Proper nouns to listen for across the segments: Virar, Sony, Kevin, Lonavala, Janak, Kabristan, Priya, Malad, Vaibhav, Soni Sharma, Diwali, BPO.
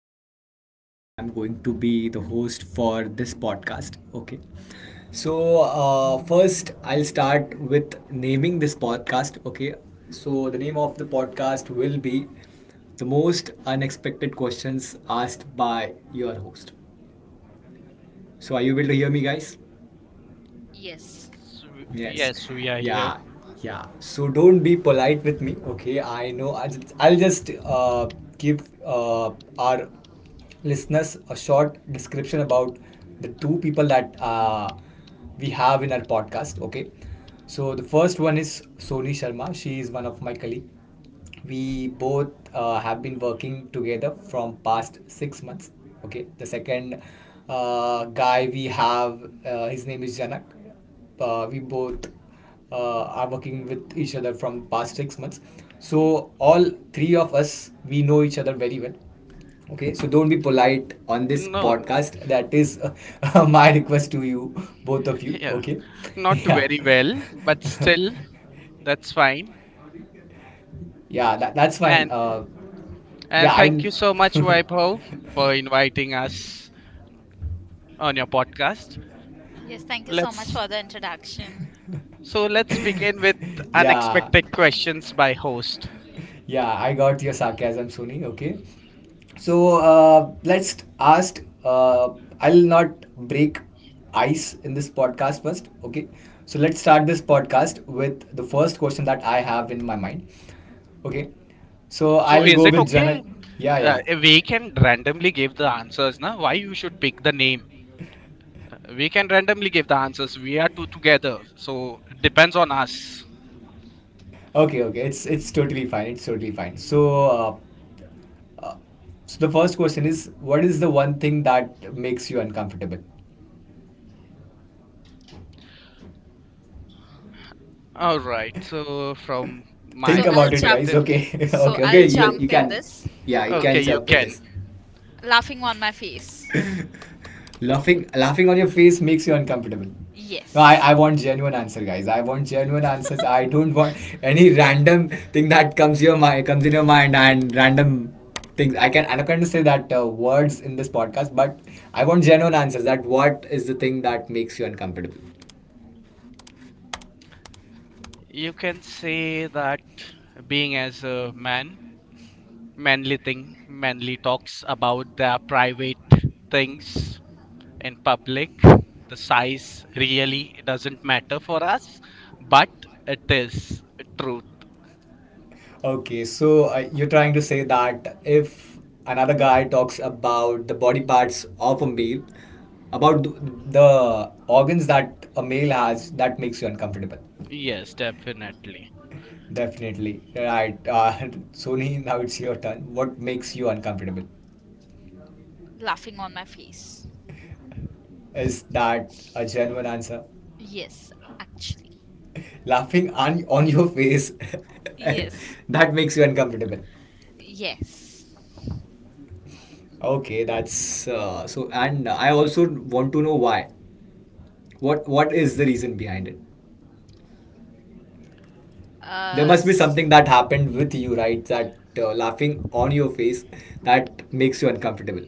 is Vaibhav. I am going to be the host for this podcast. Okay. So, first, I'll start with naming this podcast. Okay. So, the name of the podcast will be The Most Unexpected Questions Asked by Your Host. So, are you able to hear me, guys? Yes. Yes. Yes, we are here. Yeah. Yeah. So don't be polite with me. Okay. I know. I'll just give our listeners a short description about the two people that we have in our podcast. Okay. So the first one is Soni Sharma. She is one of my colleague, we both have been working together from past 6 months. Okay, the second guy we have, his name is Janak. We both are working with each other from past 6 months, so all three of us we know each other very well. Okay, so don't be polite on this No, podcast, that is my request to you both of you, yeah, okay. not yeah very well, but still, that's fine. Yeah, that's fine. And Yeah, and thank I. you so much, Vaibhav, for inviting us on your podcast. Yes, thank you so much Let's for the introduction. so let's begin with yeah, unexpected questions by host. yeah, I got your sarcasm, Sony. Okay. So let's ask. I'll not break ice in this podcast first. Okay. So let's start this podcast with the first question that I have in my mind. Okay. So So I'll is go it with Janak. okay? Yeah, Uh, yeah. we can randomly give the answers, na? Why you should pick the name? We can randomly give the answers. We are two together, so it depends on us. Okay, okay. It's totally fine. It's totally fine. So So the first question is, what is the one thing that makes you uncomfortable? All right. So from my So Think I'll about it, jump guys. perspective, Okay, so okay, I'll okay. Jump in this. Yeah, you okay, can Okay. you jump in can this. Laughing on my face. Laughing on your face makes you uncomfortable. No, I, Yes. I want genuine answer, guys. I want genuine answers. I don't want any random thing that comes in your mind, and random things. I can't to say that words in this podcast, but I want genuine answers. That what is the thing that makes you uncomfortable? you can say that being as a man, manly thing, manly talks about their private things in public. The size really doesn't matter for us, but it is true. Okay, so you're trying to say that if another guy talks about the body parts of a male, about the organs that a male has, that makes you uncomfortable. Yes, definitely. Definitely. Right. Sony, now it's your turn. What makes you uncomfortable? Laughing on my face. Is that a genuine answer? Yes, actually. Laughing on your face, Yes. that makes you uncomfortable. Yes. Okay, that's so, and I also want to know why. What is the reason behind it? There Uh must be s- something that happened with you, right? That laughing on your face that makes you uncomfortable.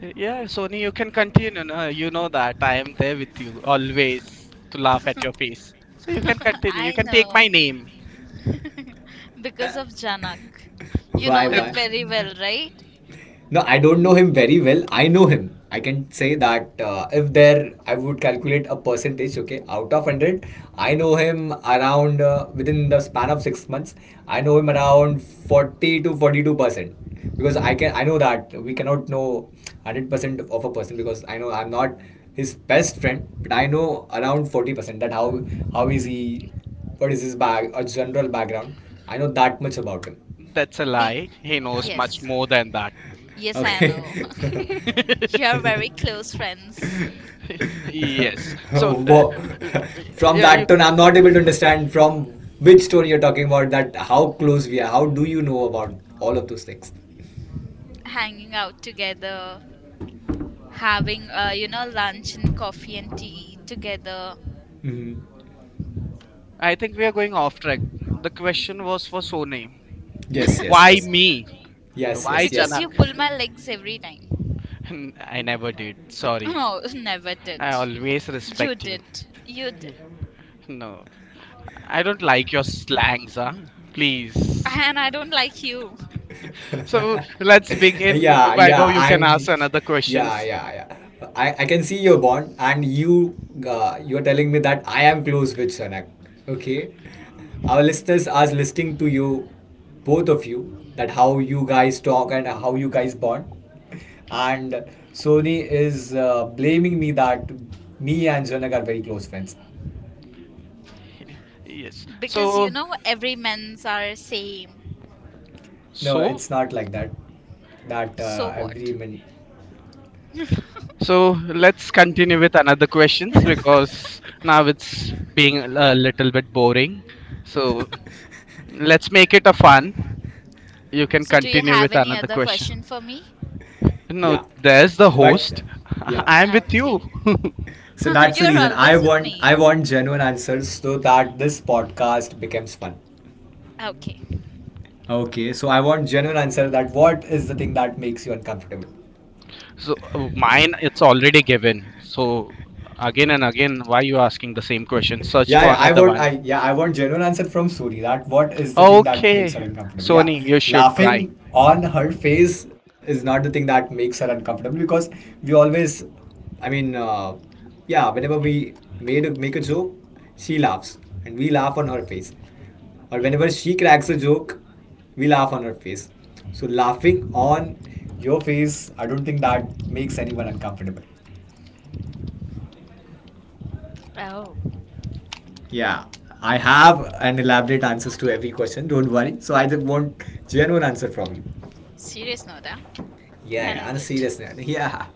Yeah, Sony, you can continue. No? You know that I am there with you always to laugh at your face. So you can continue. You I can take know my name. because of Janak. You know him Why? very well, right? No, I don't know him very well. I know him. I can say that if there, I would calculate a percentage, okay, out of 100. I know him around within the span of 6 months. I know him around 40 to 42% because I know that we cannot know 100% of a person because I know I'm not his best friend, but I know around 40% that how is he, what is his bag, a general background. I know that much about him. That's a lie. Being He knows much Yes. more than that. Yes, I Okay. know. You're very close friends, Yes. So, Whoa. uh, From yeah, you. that tone, I'm not able to understand from which tone you're talking about. That how close we are. How do you know about all of those things? hanging out together, having lunch and coffee and tea together, Hmm I think we are going off track. The question was for Sony. Yes, yes, Why yes. me? Yes, Why yes, because yes. Janak? you pull my legs every time. I never did. Sorry. Oh, never did. I always You respect you. did, you did. Eh, No, I don't like your slangs, huh? Please. And I don't like you, So let's begin. yeah, Vaibhav, you yeah, can ask and another yeah, questions. yeah, yeah, I can see your bond and you're telling me that I am close with Shanak. Okay, our listeners are listening to you, both of you, that how you guys talk and how you guys bond, and Sony is blaming me that me and Shanak are very close friends. Yes. because every men's are same. No, so it's not like that, that So every what? So let's continue with another questions because now it's being a little bit boring. So min. let's make it a fun. You can So do you continue have with any another other question question. for me? No, Yeah. there's the But host. yeah. I'm with you. Okay. So that's the You're reason always with I me. want genuine answers so that this podcast becomes fun. Okay. Okay, so I want genuine answer that what is the thing that makes you uncomfortable? Mine, it's already given. So again and again, why you asking the same question? Search for another one. Yeah, I want genuine answer from Suri. That what is the thing that makes her Okay, uncomfortable? Yeah, Sony, you should try. laughing on her face is not the thing that makes her uncomfortable because we always, I mean, yeah, whenever make a joke, she laughs and we laugh on her face, or whenever she cracks a joke, we laugh on her face. So laughing on your face, I don't think that makes anyone uncomfortable. Oh, Yeah, I have an elaborate answers to every question. Don't worry. So I just want genuine answer from you. serious note, huh? Yeah, I Y- yeah, on like a it. serious note. Yeah.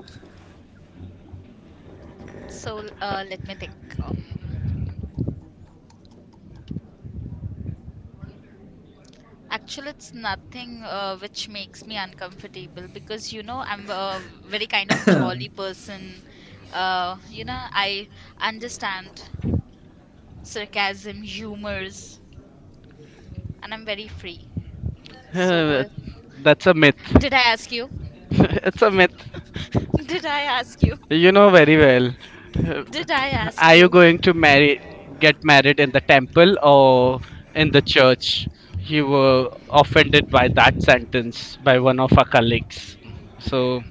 So let me think. um Actually, it's nothing which makes me uncomfortable, because I'm a very kind of jolly person. I understand sarcasm, humors, and I'm very free. So, uh, that's a myth. did I ask you? It's a myth. Did I ask you? You know very well. Uh, Did I ask Are you you? going to marry, get married in the temple or in the church? You were offended by that sentence by one of our colleagues. So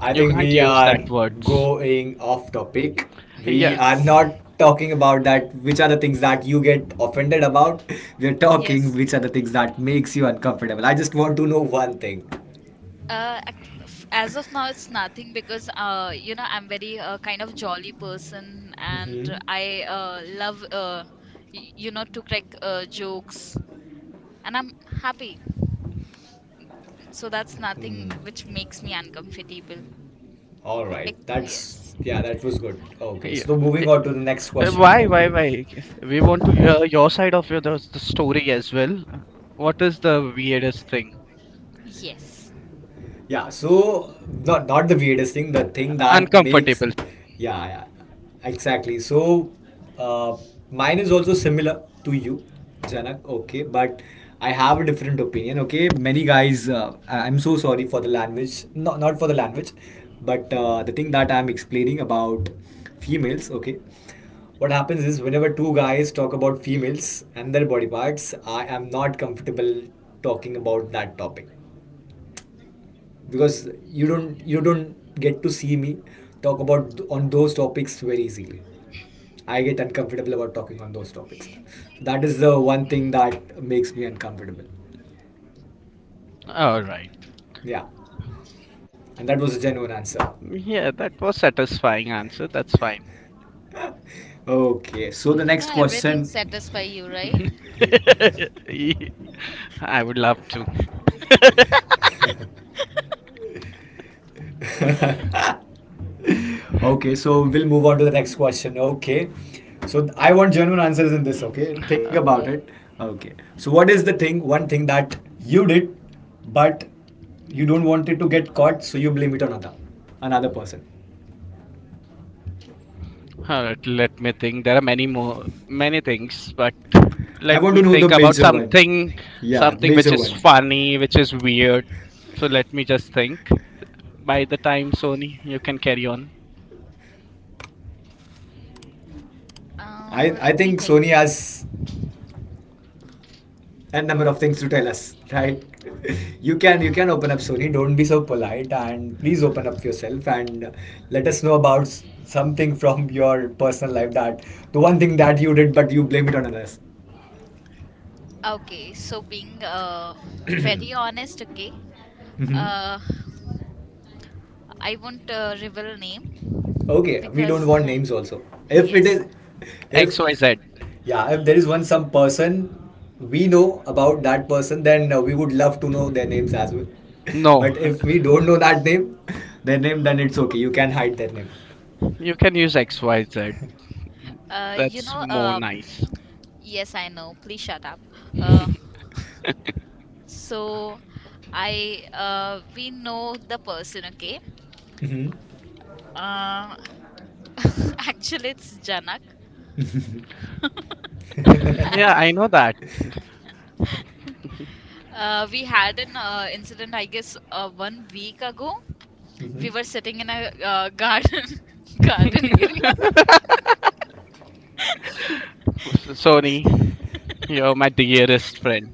I you think can't we use are that words. going off topic. We Yes. are Yes. not talking about that which are the things that you get offended about. We are talking Yes. which are the things that makes you uncomfortable. I just want to know one thing. As of now, it's nothing, because I'm very kind of jolly person, and Mm-hmm. I love to crack jokes, and I'm happy. So that's Hmm. nothing which makes me uncomfortable. All right. That's Yes, yeah, that was good. Okay. Yeah. So Eh, moving on to the next question. Why, Okay. why? We want to hear your side of the story as well. What is the weirdest thing? yes. Yeah, so not the weirdest thing, the thing that makes, Uncomfortable. yeah, yeah, exactly. So uh, mine is also similar to you, Janak, okay, but I have a different opinion. Okay, many guys, I'm so sorry for the language, not for the language, but the thing that I'm explaining about females, okay, what happens is whenever two guys talk about females and their body parts, I am not comfortable talking about that topic because you don't get to see me talk about on those topics very easily. I get uncomfortable about talking on those topics. So that is the one thing that makes me uncomfortable. All right. Yeah, and that was a genuine answer. Yeah, that was satisfying answer. That's fine. Okay, so the You know, next everything question. satisfies you, right? I would love to. Okay, so we'll move on to the next question. Okay, so I want genuine answers in this. Okay, think Uh, about it. Okay, so what is the thing, one thing that you did, but you don't want it to get caught, so you blame it on another person. all right, let me think. There are many more, many things, but I let want me to know the think about major one. something, Yeah, something which major is one. funny, which is weird. So let me just think. By the time, Sony, you can carry on. I I Let me think think. Sony has And number of things to tell us, right? You can Uh, open up, Sony. Don't be so polite and please open up yourself and let us know about something from your personal life, that the one thing that you did but you blame it on others. okay, so being very honest, okay, Hmm uh, I won't reveal name Okay, we because don't want names also. If it yes. is, if XYZ. yeah, if there is one some person we know about that person, then we would love to know their names as well. No, But if we don't know that name, their name, then it's okay. You can hide their name. you can use XYZ. Uh, you That's know, more uh, nice. yes, I know. Please shut up. Uh, so we know the person, okay? Hmm Uh, Actually, it's Janak. Mhm. Yeah, I know that. We had an incident, I guess, one week ago. We were sitting in a garden, garden area. Sony, you're my dearest friend.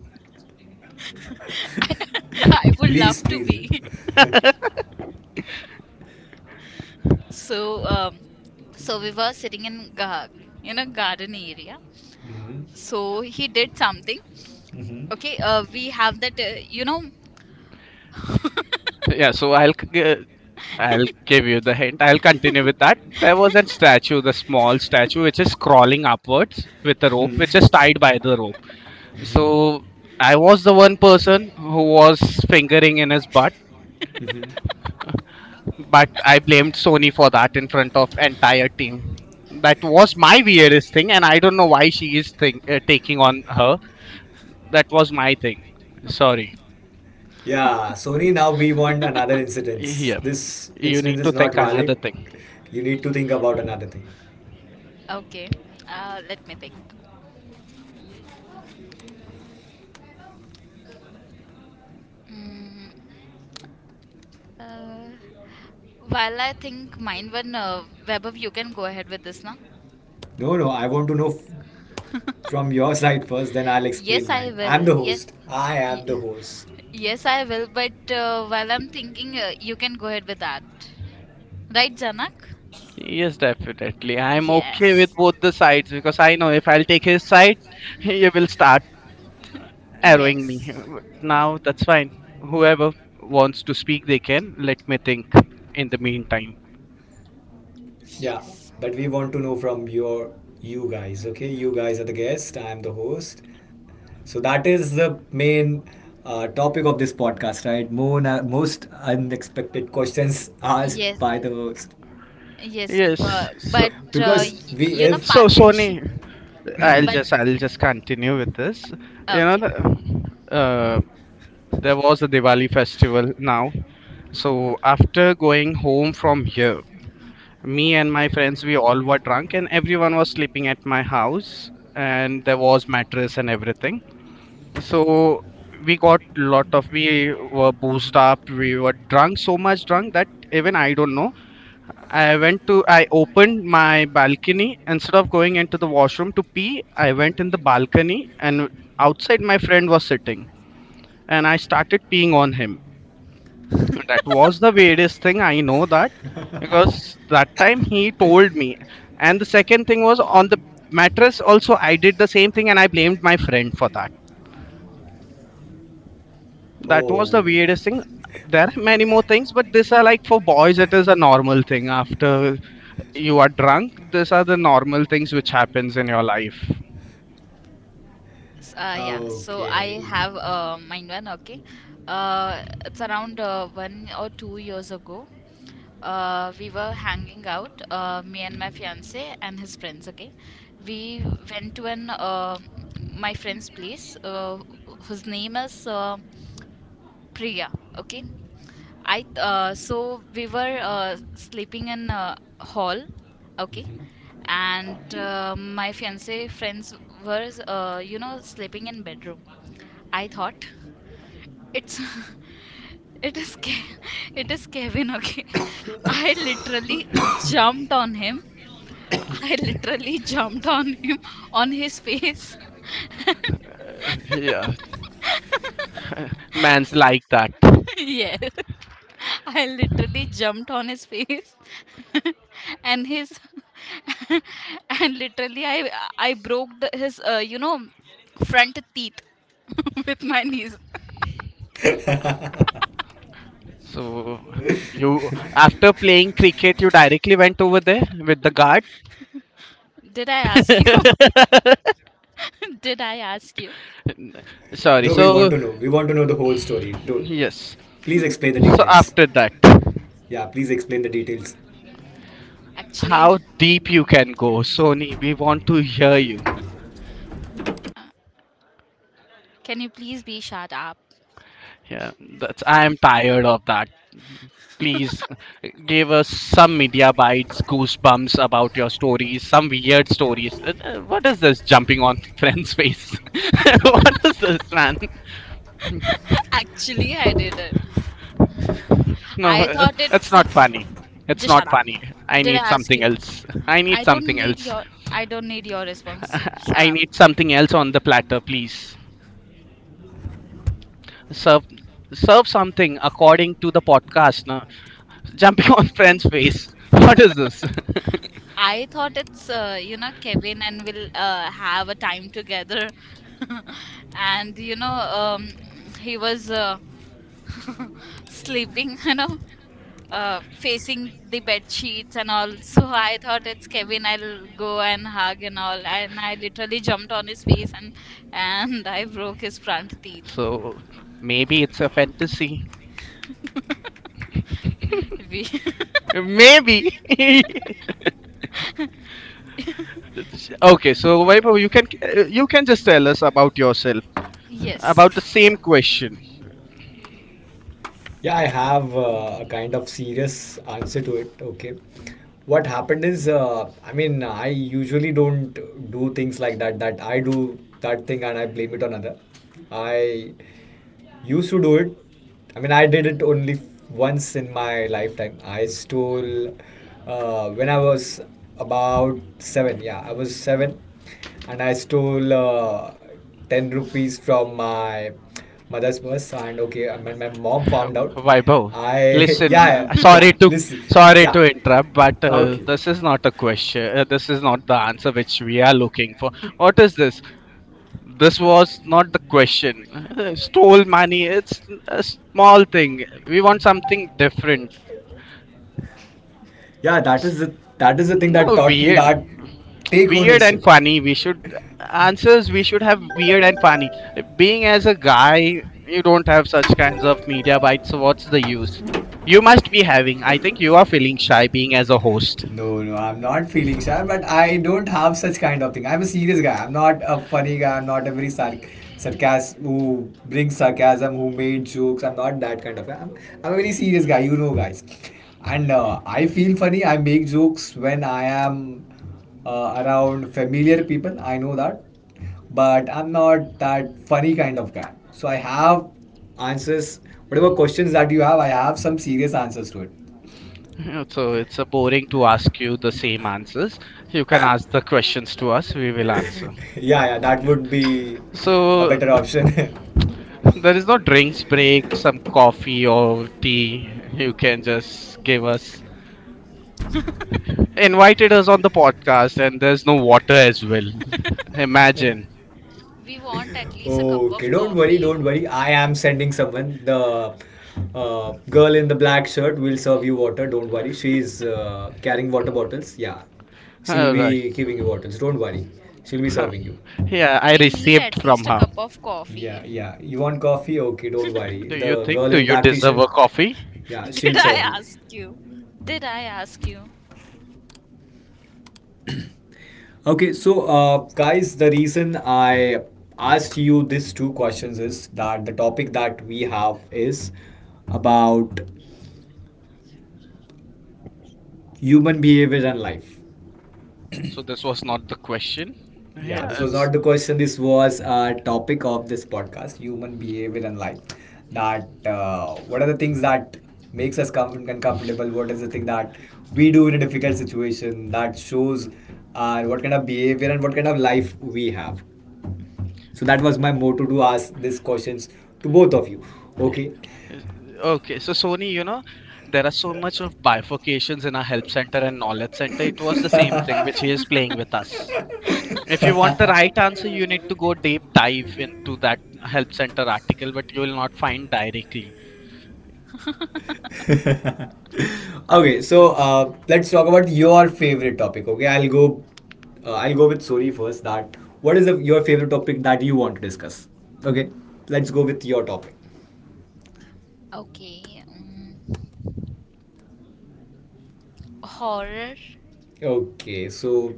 I would Please, love to please. be. So, um, so we were sitting in a garden area. Mhm. So he did something. Mhm. Hmm. Okay, we have that. Yeah, so I'll c- g- I'll give you the hint. I'll continue with that. There was a statue, the small statue, which is crawling upwards with a rope, which is tied by the rope. Mhm. So I was the one person who was fingering in his butt, Mhm. but I blamed Sony for that in front of entire team. That was my weirdest thing, and I don't know why she is taking on her. That was my thing. Sorry. Yeah, Sony, now we want another incidence. Here, This you need incidence to is not think another valid. thing. You need to think about another thing. Okay, let me think. Mm, uh, while I think mine one, Vaibhav, you can go ahead with this now. No, no, I want to know from your side first, then I'll Yes, explain I mine. I'm will. the Yes, host. I y- am the host. yes, I will. But while I'm thinking, you can go ahead with that. Right, Janak? Yes, definitely. I'm okay with Yes, both the sides because I know if I'll take his side, he will start arrowing me. yes, Now that's fine. Whoever wants to speak, they can. Let me think in the meantime. Yeah, yes, but we want to know from your you guys. Okay, you guys are the guest. I am the host. So that is the main topic of this podcast, right? More most unexpected questions asked yes, by the host, yes. Yes. But So, but uh, because we you know, if. so particip. Sony, I'll But just I'll just continue with this. You know, okay. the, uh, there was a Diwali festival now. So after going home from here, me and my friends we all were drunk and everyone was sleeping at my house, and there was mattress and everything. So we got lot of, we were boozed up, we were drunk so much drunk that even I don't know, I went to I opened my balcony instead of going into the washroom to pee. I went in the balcony, and outside my friend was sitting, and I started peeing on him. That was the weirdest thing. I know that because that time he told me. And the second thing was on the mattress, also, I did the same thing and I blamed my friend for that. That was the Oh. weirdest thing. There are many more things, but these are like for boys, it is a normal thing. After you are drunk, these are the normal things which happens in your life. Yeah, so I Okay. have mine one, okay. It's around 1 or 2 years ago. We were hanging out, me and my fiance and his friends, okay. We went to an my friend's place, whose name is Priya, okay. I So we were sleeping in hall, okay. Mm-hmm. And my fiance friends were sleeping in bedroom. I thought it's it is it is Kevin, okay. I literally jumped on him. I literally jumped on him, on his face. Yeah, man's like that. Yes, I literally jumped on his face. And his and literally I broke his front teeth with my knees. So you after playing cricket, you directly went over there with the guard. Did I ask you? Did I ask you? Sorry. No, we want So to know. We want to know the whole story. Do, yes. please explain the So details. after that, Yeah, please explain the details. Actually, how deep you can go, Sony? We want to hear you. can you please be shut up? Yeah, that's. I am tired of that. Please give us some media bites, goosebumps about your stories, some weird stories. What is this jumping on friend's face? What is this, man? Actually, I didn't. No, I thought it's it's, not funny. It's just not shut up. funny. I Did need I ask something you? else. I need I don't something need else. your I don't need your response. Shut I up. need something else on the platter, please. serve serve something according to the podcast now. Jumping on friend's face. What is this? I thought it's Kevin, and we'll have a time together. And he was sleeping. Facing the bed sheets and all. So I thought it's Kevin. I'll go and hug and all. And I literally jumped on his face, and I broke his front teeth. So maybe it's a fantasy, We maybe. Okay, so Vaibhav, you can just tell us about yourself yes. about the same question. Yeah, I have a Mm. kind of serious answer to it. Okay. What happened is, I mean, I usually don't do things like that, that I do that thing and I blame it on other. I used to do it. I mean, I did it only once in my lifetime. I stole when I was about 7. Yeah, I was 7, and I stole 10 rupees from my mother's purse. And okay, I mean, my mom found out. Vaibhav, I listen yeah, yeah, listen, sorry yeah, to interrupt, but uh, okay, this is not a question, this is not the answer which we are looking for. What is this? This was not the question. Stole money. It's a small thing. We want something different. yeah, S- that is the thing that No, taught me weird. that take Weird and ownership. funny. We should answers. We should have weird and funny. Being as a guy, you don't have such kinds of media bites. So what's the use? You must be having. I think you are feeling shy being as a host. No, no, I'm not feeling shy, but I don't have such kind of thing. I'm a serious guy. I'm not a funny guy. I'm not a very sarcasm who brings sarcasm, who made jokes. I'm not that kind of guy. I'm a very serious guy, you know, guys. And I feel funny. I make jokes when I am around familiar people. I know that, but I'm not that funny kind of guy. So I have answers. Whatever questions that you have, I have some serious answers to it. So it's a boring to ask you the same answers. You can ask the questions to us. We will answer. Yeah, yeah, that Yeah. would be a So better option. there is no drinks break, some coffee or tea. You can just give us invited us on the podcast, and there's no water as well. Imagine. We want at least a cup Okay, of coffee. don't worry. I am sending someone. The girl in the black shirt will serve you water. Don't worry. She's carrying water bottles. Yeah, she'll All right. be giving you bottles. Don't worry. She'll be serving you. Yeah, I We need received at from least a her. cup of Yeah, coffee. yeah. You want coffee? Okay, don't worry. Do you The think? girl Do in you black deserve t-shirt. a coffee? Yeah, she'll Did I serve you. ask you? Did I ask you? Okay, so guys, the reason I asked you these two questions is that the topic that we have is about human behavior and life. So this was not the question. Yeah, Yeah, this was it's. not the question. This was a topic of this podcast: human behavior and life. That what are the things that makes us uncomfortable? What is the thing that we do in a difficult situation that shows what kind of behavior and what kind of life we have? So that was my motto to ask these questions to both of you. Eh, Okay. eh, Okay, so Sony, you know, there are so much of bifurcations in our help center and knowledge center. It was the same Okay, thing which he is playing with us. If you want the right answer, you need to go deep dive into that help center article, but you will not find directly. so It's, let's talk about your favorite topic. Okay, I'll go. I'll go with Sori first. That what is your favorite topic that you want to discuss? Okay, let's go with your topic. Okay. Horror. Okay, so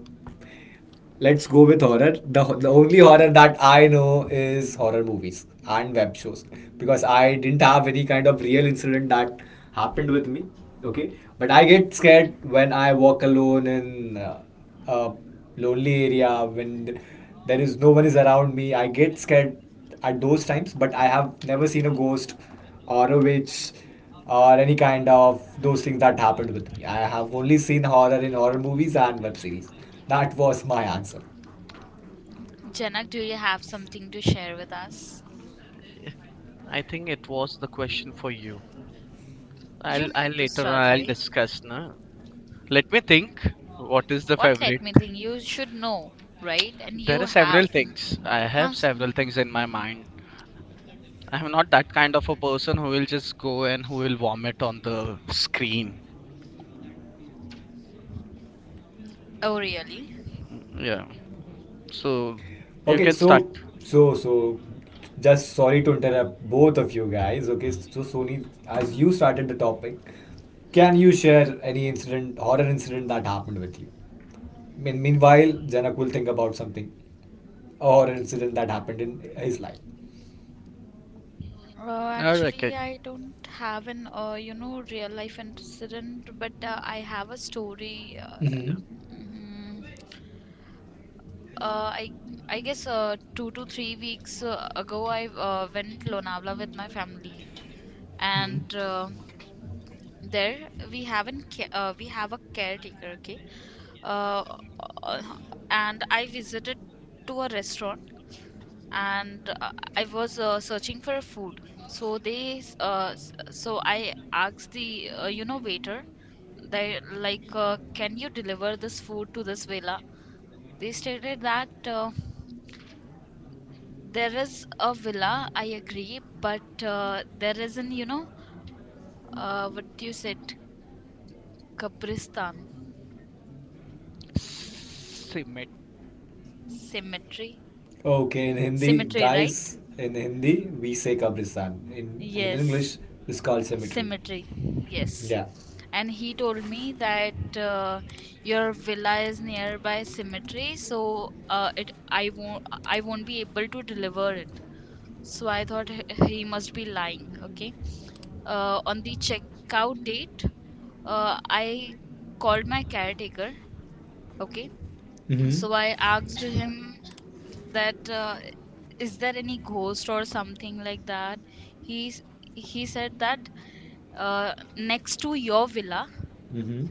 let's go with horror. The only horror that I know is horror movies and web shows because I didn't have any kind of real incident that happened with me. Okay, but I get scared when I walk alone in a lonely area when there is no one is around me. I get scared at those times, but I have never seen a ghost or a witch or any kind of those things that happened with me. I have only seen horror in horror movies and web series. That was my answer. Janak, do you have something to share with us? I think it was the question for you. You need I'll to later on start, I'll right? discuss. No? Let me think. What is the What let favorite? me think? You should know, right? And There you are have. several things. I Huh? have s- several things in my mind. I'm not that kind of a person who will just go and who will vomit on the screen. Oh, really? Yeah. So you Okay, can start. so just sorry to interrupt both of you guys. Okay, so Sony, as you started the topic, can you share any incident, horror incident that happened with you? Meanwhile, Janak will think about something, a horror incident that happened in his life. All right, okay. Actually, I don't have an, real life incident, but I have a story. Mm-hmm. mm, uh, I I guess 2 to 3 weeks ago, I went Lonavala with my family. Hmm. And there we have a caretaker, okay? Uh, uh, and I visited to a restaurant, and I was searching for a food. So I asked the waiter, they like, can you deliver this food to this villa? They stated that, there is a villa. I agree, but there is an, what you said, Kabristan Simit. cemetery, Okay, in Hindi, cemetery, right? guys, in Hindi, we say Kabristan. In, I mean, in Yes. English, it's called cemetery. Symmetry, yes. Yeah. And he told me that, your villa is nearby Symmetry, so it I won't be able to deliver it. So I thought he must be lying. Okay. On the checkout date, I called my caretaker. Okay, Mm so I asked him that, is there any ghost or something like that. He s- he said that, next to your villa, hmm. Mm hmm.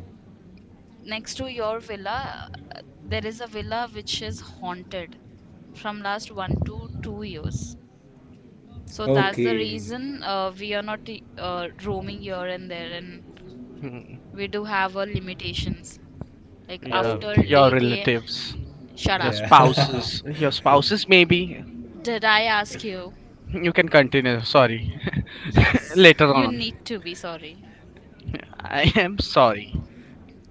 next to your villa there is a villa which is haunted from last 1 to 2 years. So that's the Okay. reason, we are not roaming here and there, and Hmm. we do have our limitations like Yeah, after Okay. your 8 a. relatives, Shut up. Yeah. Your spouses maybe. Did I ask you? You can continue. Sorry. Yes. Later You on. need to be sorry. I am sorry.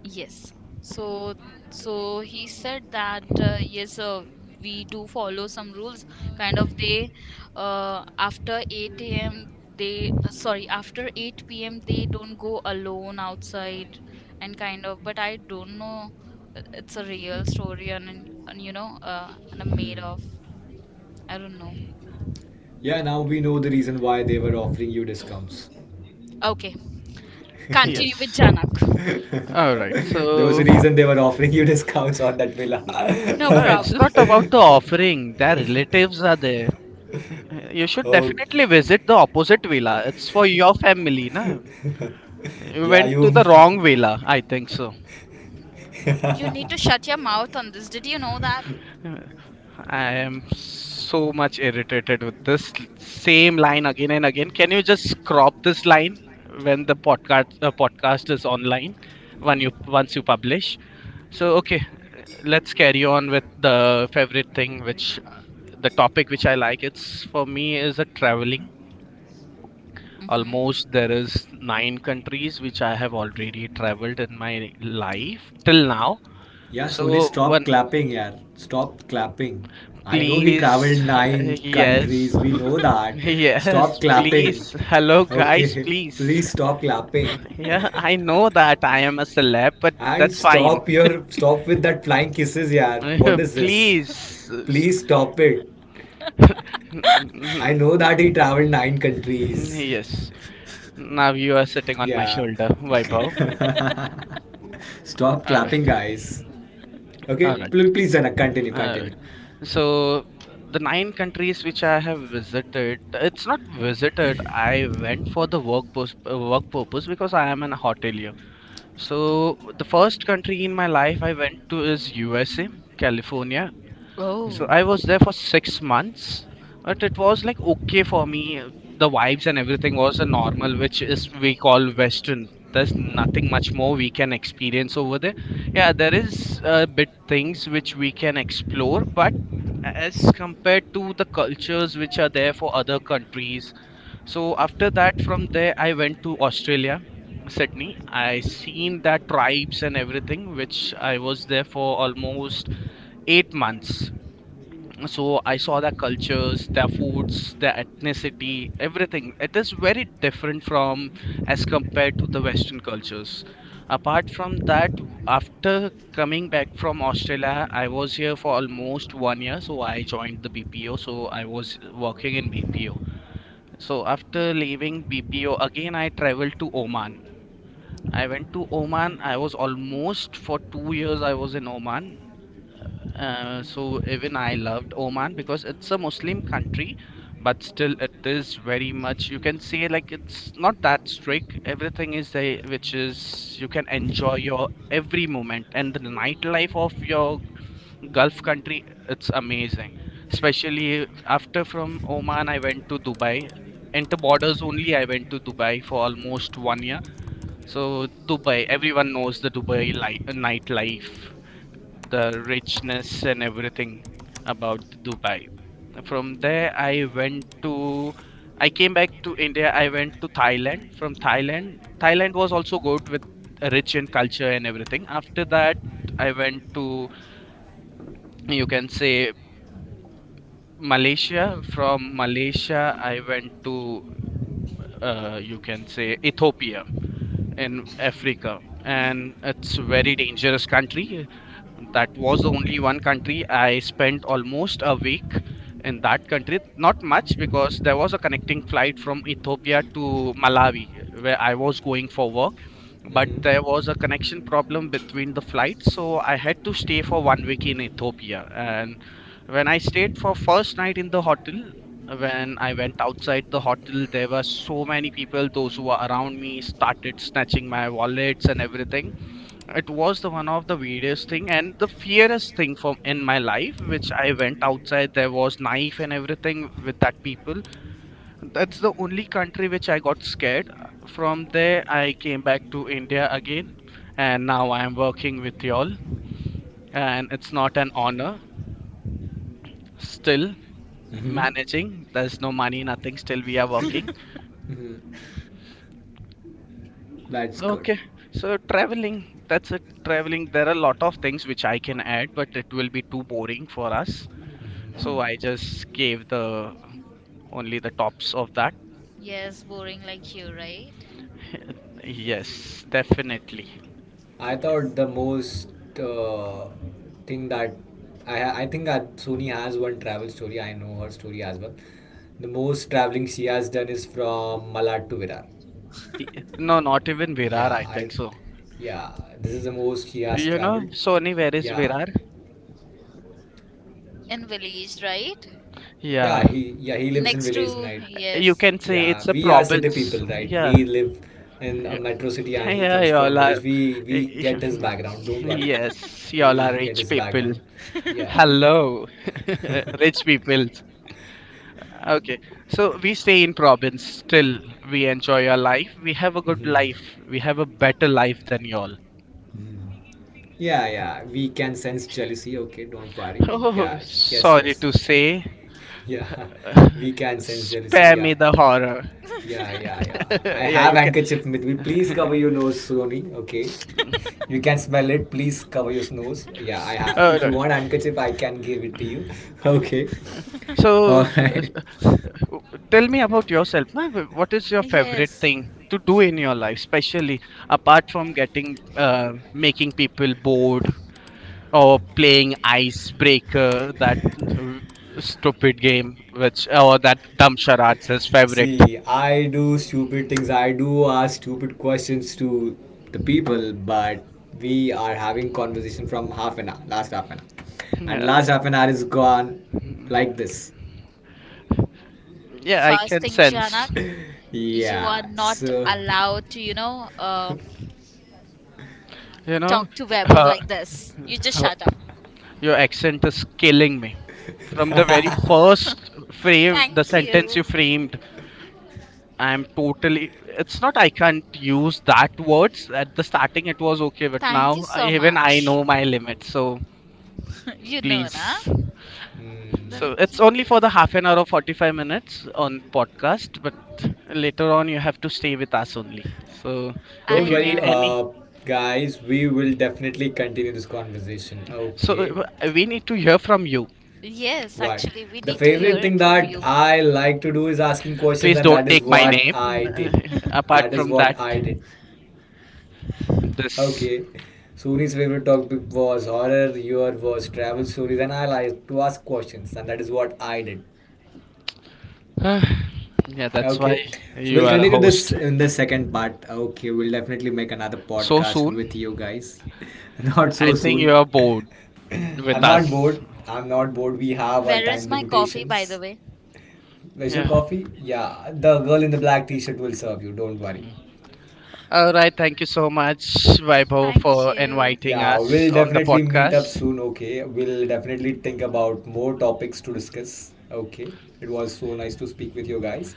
Yes. So, so he said that, yes, we do follow some rules. Kind of they, after 8 a.m. they, sorry, after 8 p.m. they don't go alone outside, and kind of. But I don't know. It's a real story, and, you know, and I made Mm. of. I don't know. Yeah, now we know the reason why they were offering you discounts. Okay, continue with Yes. Janak. All right. There was a So reason they were offering you discounts on that villa. mm, No no, it's problem. not about the offering. Their relatives are there. You should definitely visit the Okay. opposite villa. It's for your family, na? You Yeah, went to you. the wrong villa, I think so. You need to shut your mouth on this. Did you know that? Uh, I am so much irritated with this same line again and again. Can you just crop this line when the podcast podcast is online? When you once you publish. So okay, let's carry on with the favorite thing, which the topic which I like. It's for me is a traveling. Mm-hmm. Almost there is 9 countries which I have already traveled in my life till now. Yeah, Sony, So stop one. clapping, yeah. Stop clapping. I know he Please. traveled nine Yes. countries. We know that. Yes, Stop please. clapping. Hello, guys, Okay, please. please stop clapping. Yeah, I know that I am a celeb, but And that's fine. stop your stop with that flying kisses, yeah. What is this? Please. Please stop it. I know that he traveled 9 countries. Yes. Now you are sitting on my Yeah. shoulder, Vaibhav. Stop All right. clapping, guys. Okay, All right. Please, Janak, continue, All right. continue. So, the 9 countries which I have visited, it's not visited. I went for the work purpose because I am an hotelier. So the first country in my life I went to is USA, California. So Oh. I was there for 6 months, but it was like okay for me. The vibes and everything was a normal, which is we call Western. There's nothing much more we can experience over there. Yeah, there is a bit things which we can explore, but as compared to the cultures which are there for other countries, so after that, from there, I went to Australia, Sydney. I seen that tribes and everything, which I was there for almost 8 months. So I saw their cultures, their foods, their ethnicity, everything. It is very different from as compared to the Western cultures. Apart from that, after coming back from Australia, I was here for almost one year. So I joined the BPO. So I was working in BPO. So after leaving BPO, again I traveled to Oman. I went to Oman. I was almost for 2 years I was in Oman. So even I loved Oman because it's a Muslim country, but still it is very much you can say like it's not that strict. Everything is there, which is you can enjoy your every moment and the nightlife of your Gulf country, it's amazing. Especially after from Oman, I went to Dubai. Enter borders only, I went to Dubai for almost 1 year. So Dubai, everyone knows the nightlife, the richness and everything about Dubai. From there, I went to, I came back to India. I went to Thailand. From Thailand, Thailand was also good with rich in culture and everything. After that, I went to, you can say, Malaysia. From Malaysia, I went to, you can say, Ethiopia in Africa. And it's a very dangerous country. That was the only one country I spent almost a week in that country. Not much because there was a connecting flight from Ethiopia to Malawi where I was going for work. But Mm-hmm. there was a connection problem between the flights. So I had to stay for 1 week in Ethiopia. And when I stayed for first night in the hotel, when I went outside the hotel, there were so many people, those who were around me started snatching my wallets and everything. It was the one of the weirdest thing and the fiercest thing from in my life. Which I went outside, there was knife and everything with that people. That's the only country which I got scared. From there, I came back to India again, and now I am working with y'all, and it's not an honor. Still Mm-hmm. managing. There's no money, nothing. Still, we are working. Mm-hmm. That's good. Okay. So, traveling. That's it. Traveling. There are a lot of things which I can add, but it will be too boring for us. Mm-hmm. So, I just gave the only the tops of that. Yes, boring like you, right? Yes, definitely. I thought Yes. the most uh, thing that I think that Sony has one travel story. I know her story as well. The most traveling she has done is from Malad to Virar. Y- No, not even Virar, Yeah, I I think so. yeah, this is the most he has You know, traveled. Sony, where is Yeah, Virar? In village, right? Yeah, he lives in Next village to, night. you yes. can say it's Yeah, a we are city province. people, right? Yeah, We live in a yeah, metro city, and he yeah, comes from y'all are. village. We get his background. Don't worry, Yes, we y'all are get rich his people. background. Yeah. Hello, Mhm. rich people. Okay, so we stay in province. Still, we enjoy our life. We have a good Mhm. life. We have a better life than y'all. Yeah, yeah, we can sense jealousy. Okay, don't worry. Oh, Yeah, yes, sorry yes. to say, Yeah, we can sense jealousy. spare Yeah, me the horror. yeah, yeah, yeah. I Yeah, have you can. handkerchief with me. Please cover your nose, Sony. Okay, you can smell it. Please cover your nose. Yeah, I have. Uh, If no. you want handkerchief, I can give it to you. Okay. All so, uh, right. uh, tell me about yourself. What is your favorite Yes. thing to do in your life, especially apart from getting, making people bored or playing Icebreaker, that stupid game, which, or that dumb charade's his favorite. See, I do stupid things. I do ask stupid questions to the people, but we are having conversation from half an hour, last half an hour, and Yeah, last half an hour is gone like this. yeah, I can Fasting sense. Janak, you are Yeah. not So, allowed to, You know, talk to Vaibhav uh, like this. You just uh, shut up. your accent is killing me. From the very first frame, the Thank sentence you. you framed, I'm totally. It's not I can't use that words. At the starting, it was okay, but Thank you now so even I much. know my limits. So You know, na? please, Hmm. so Then it's only for the half an hour or 45 minutes on podcast, but later on you have to stay with us only. So don't if I you worry, need know. any, guys. We will definitely continue this conversation. Okay. so we need to hear from you. Yes, What? actually, we The need to hear favorite thing it from that you. I like to do is asking questions, Please and don't that is take my No. what name. I did. Apart That is from that, what I did. this. Okay. Suni's favorite topic was horror, your was travel stories, and I like to ask questions, and that is what I did. Yeah, that's Okay. why So you we'll are a continue this host. in the second part. Okay. We'll definitely make another So podcast soon, with you guys. Not I so think you soon. are bored with I'm not us. bored. I'm not bored. We have our Where is time my coffee, by the limitations. way? Where's your Yeah. coffee? Yeah, the girl in the black t-shirt will serve you. Don't worry. All right. Thank you so much, Vaibhav, Thank for you. inviting Yeah, us we'll on the definitely meet up podcast. soon. Okay, we'll definitely think about more topics to discuss. Okay, it was so nice to speak with you guys.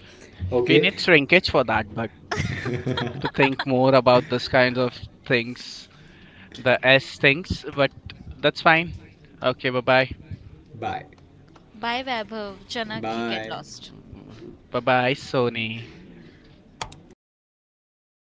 We Okay, need shrinkage for that, but. To think more about this kind of things, the S things, but that's fine. Okay, bye bye. bye. Bye, Vaibhav. Janak, you get Bye. lost. Bye bye, Sony. You too.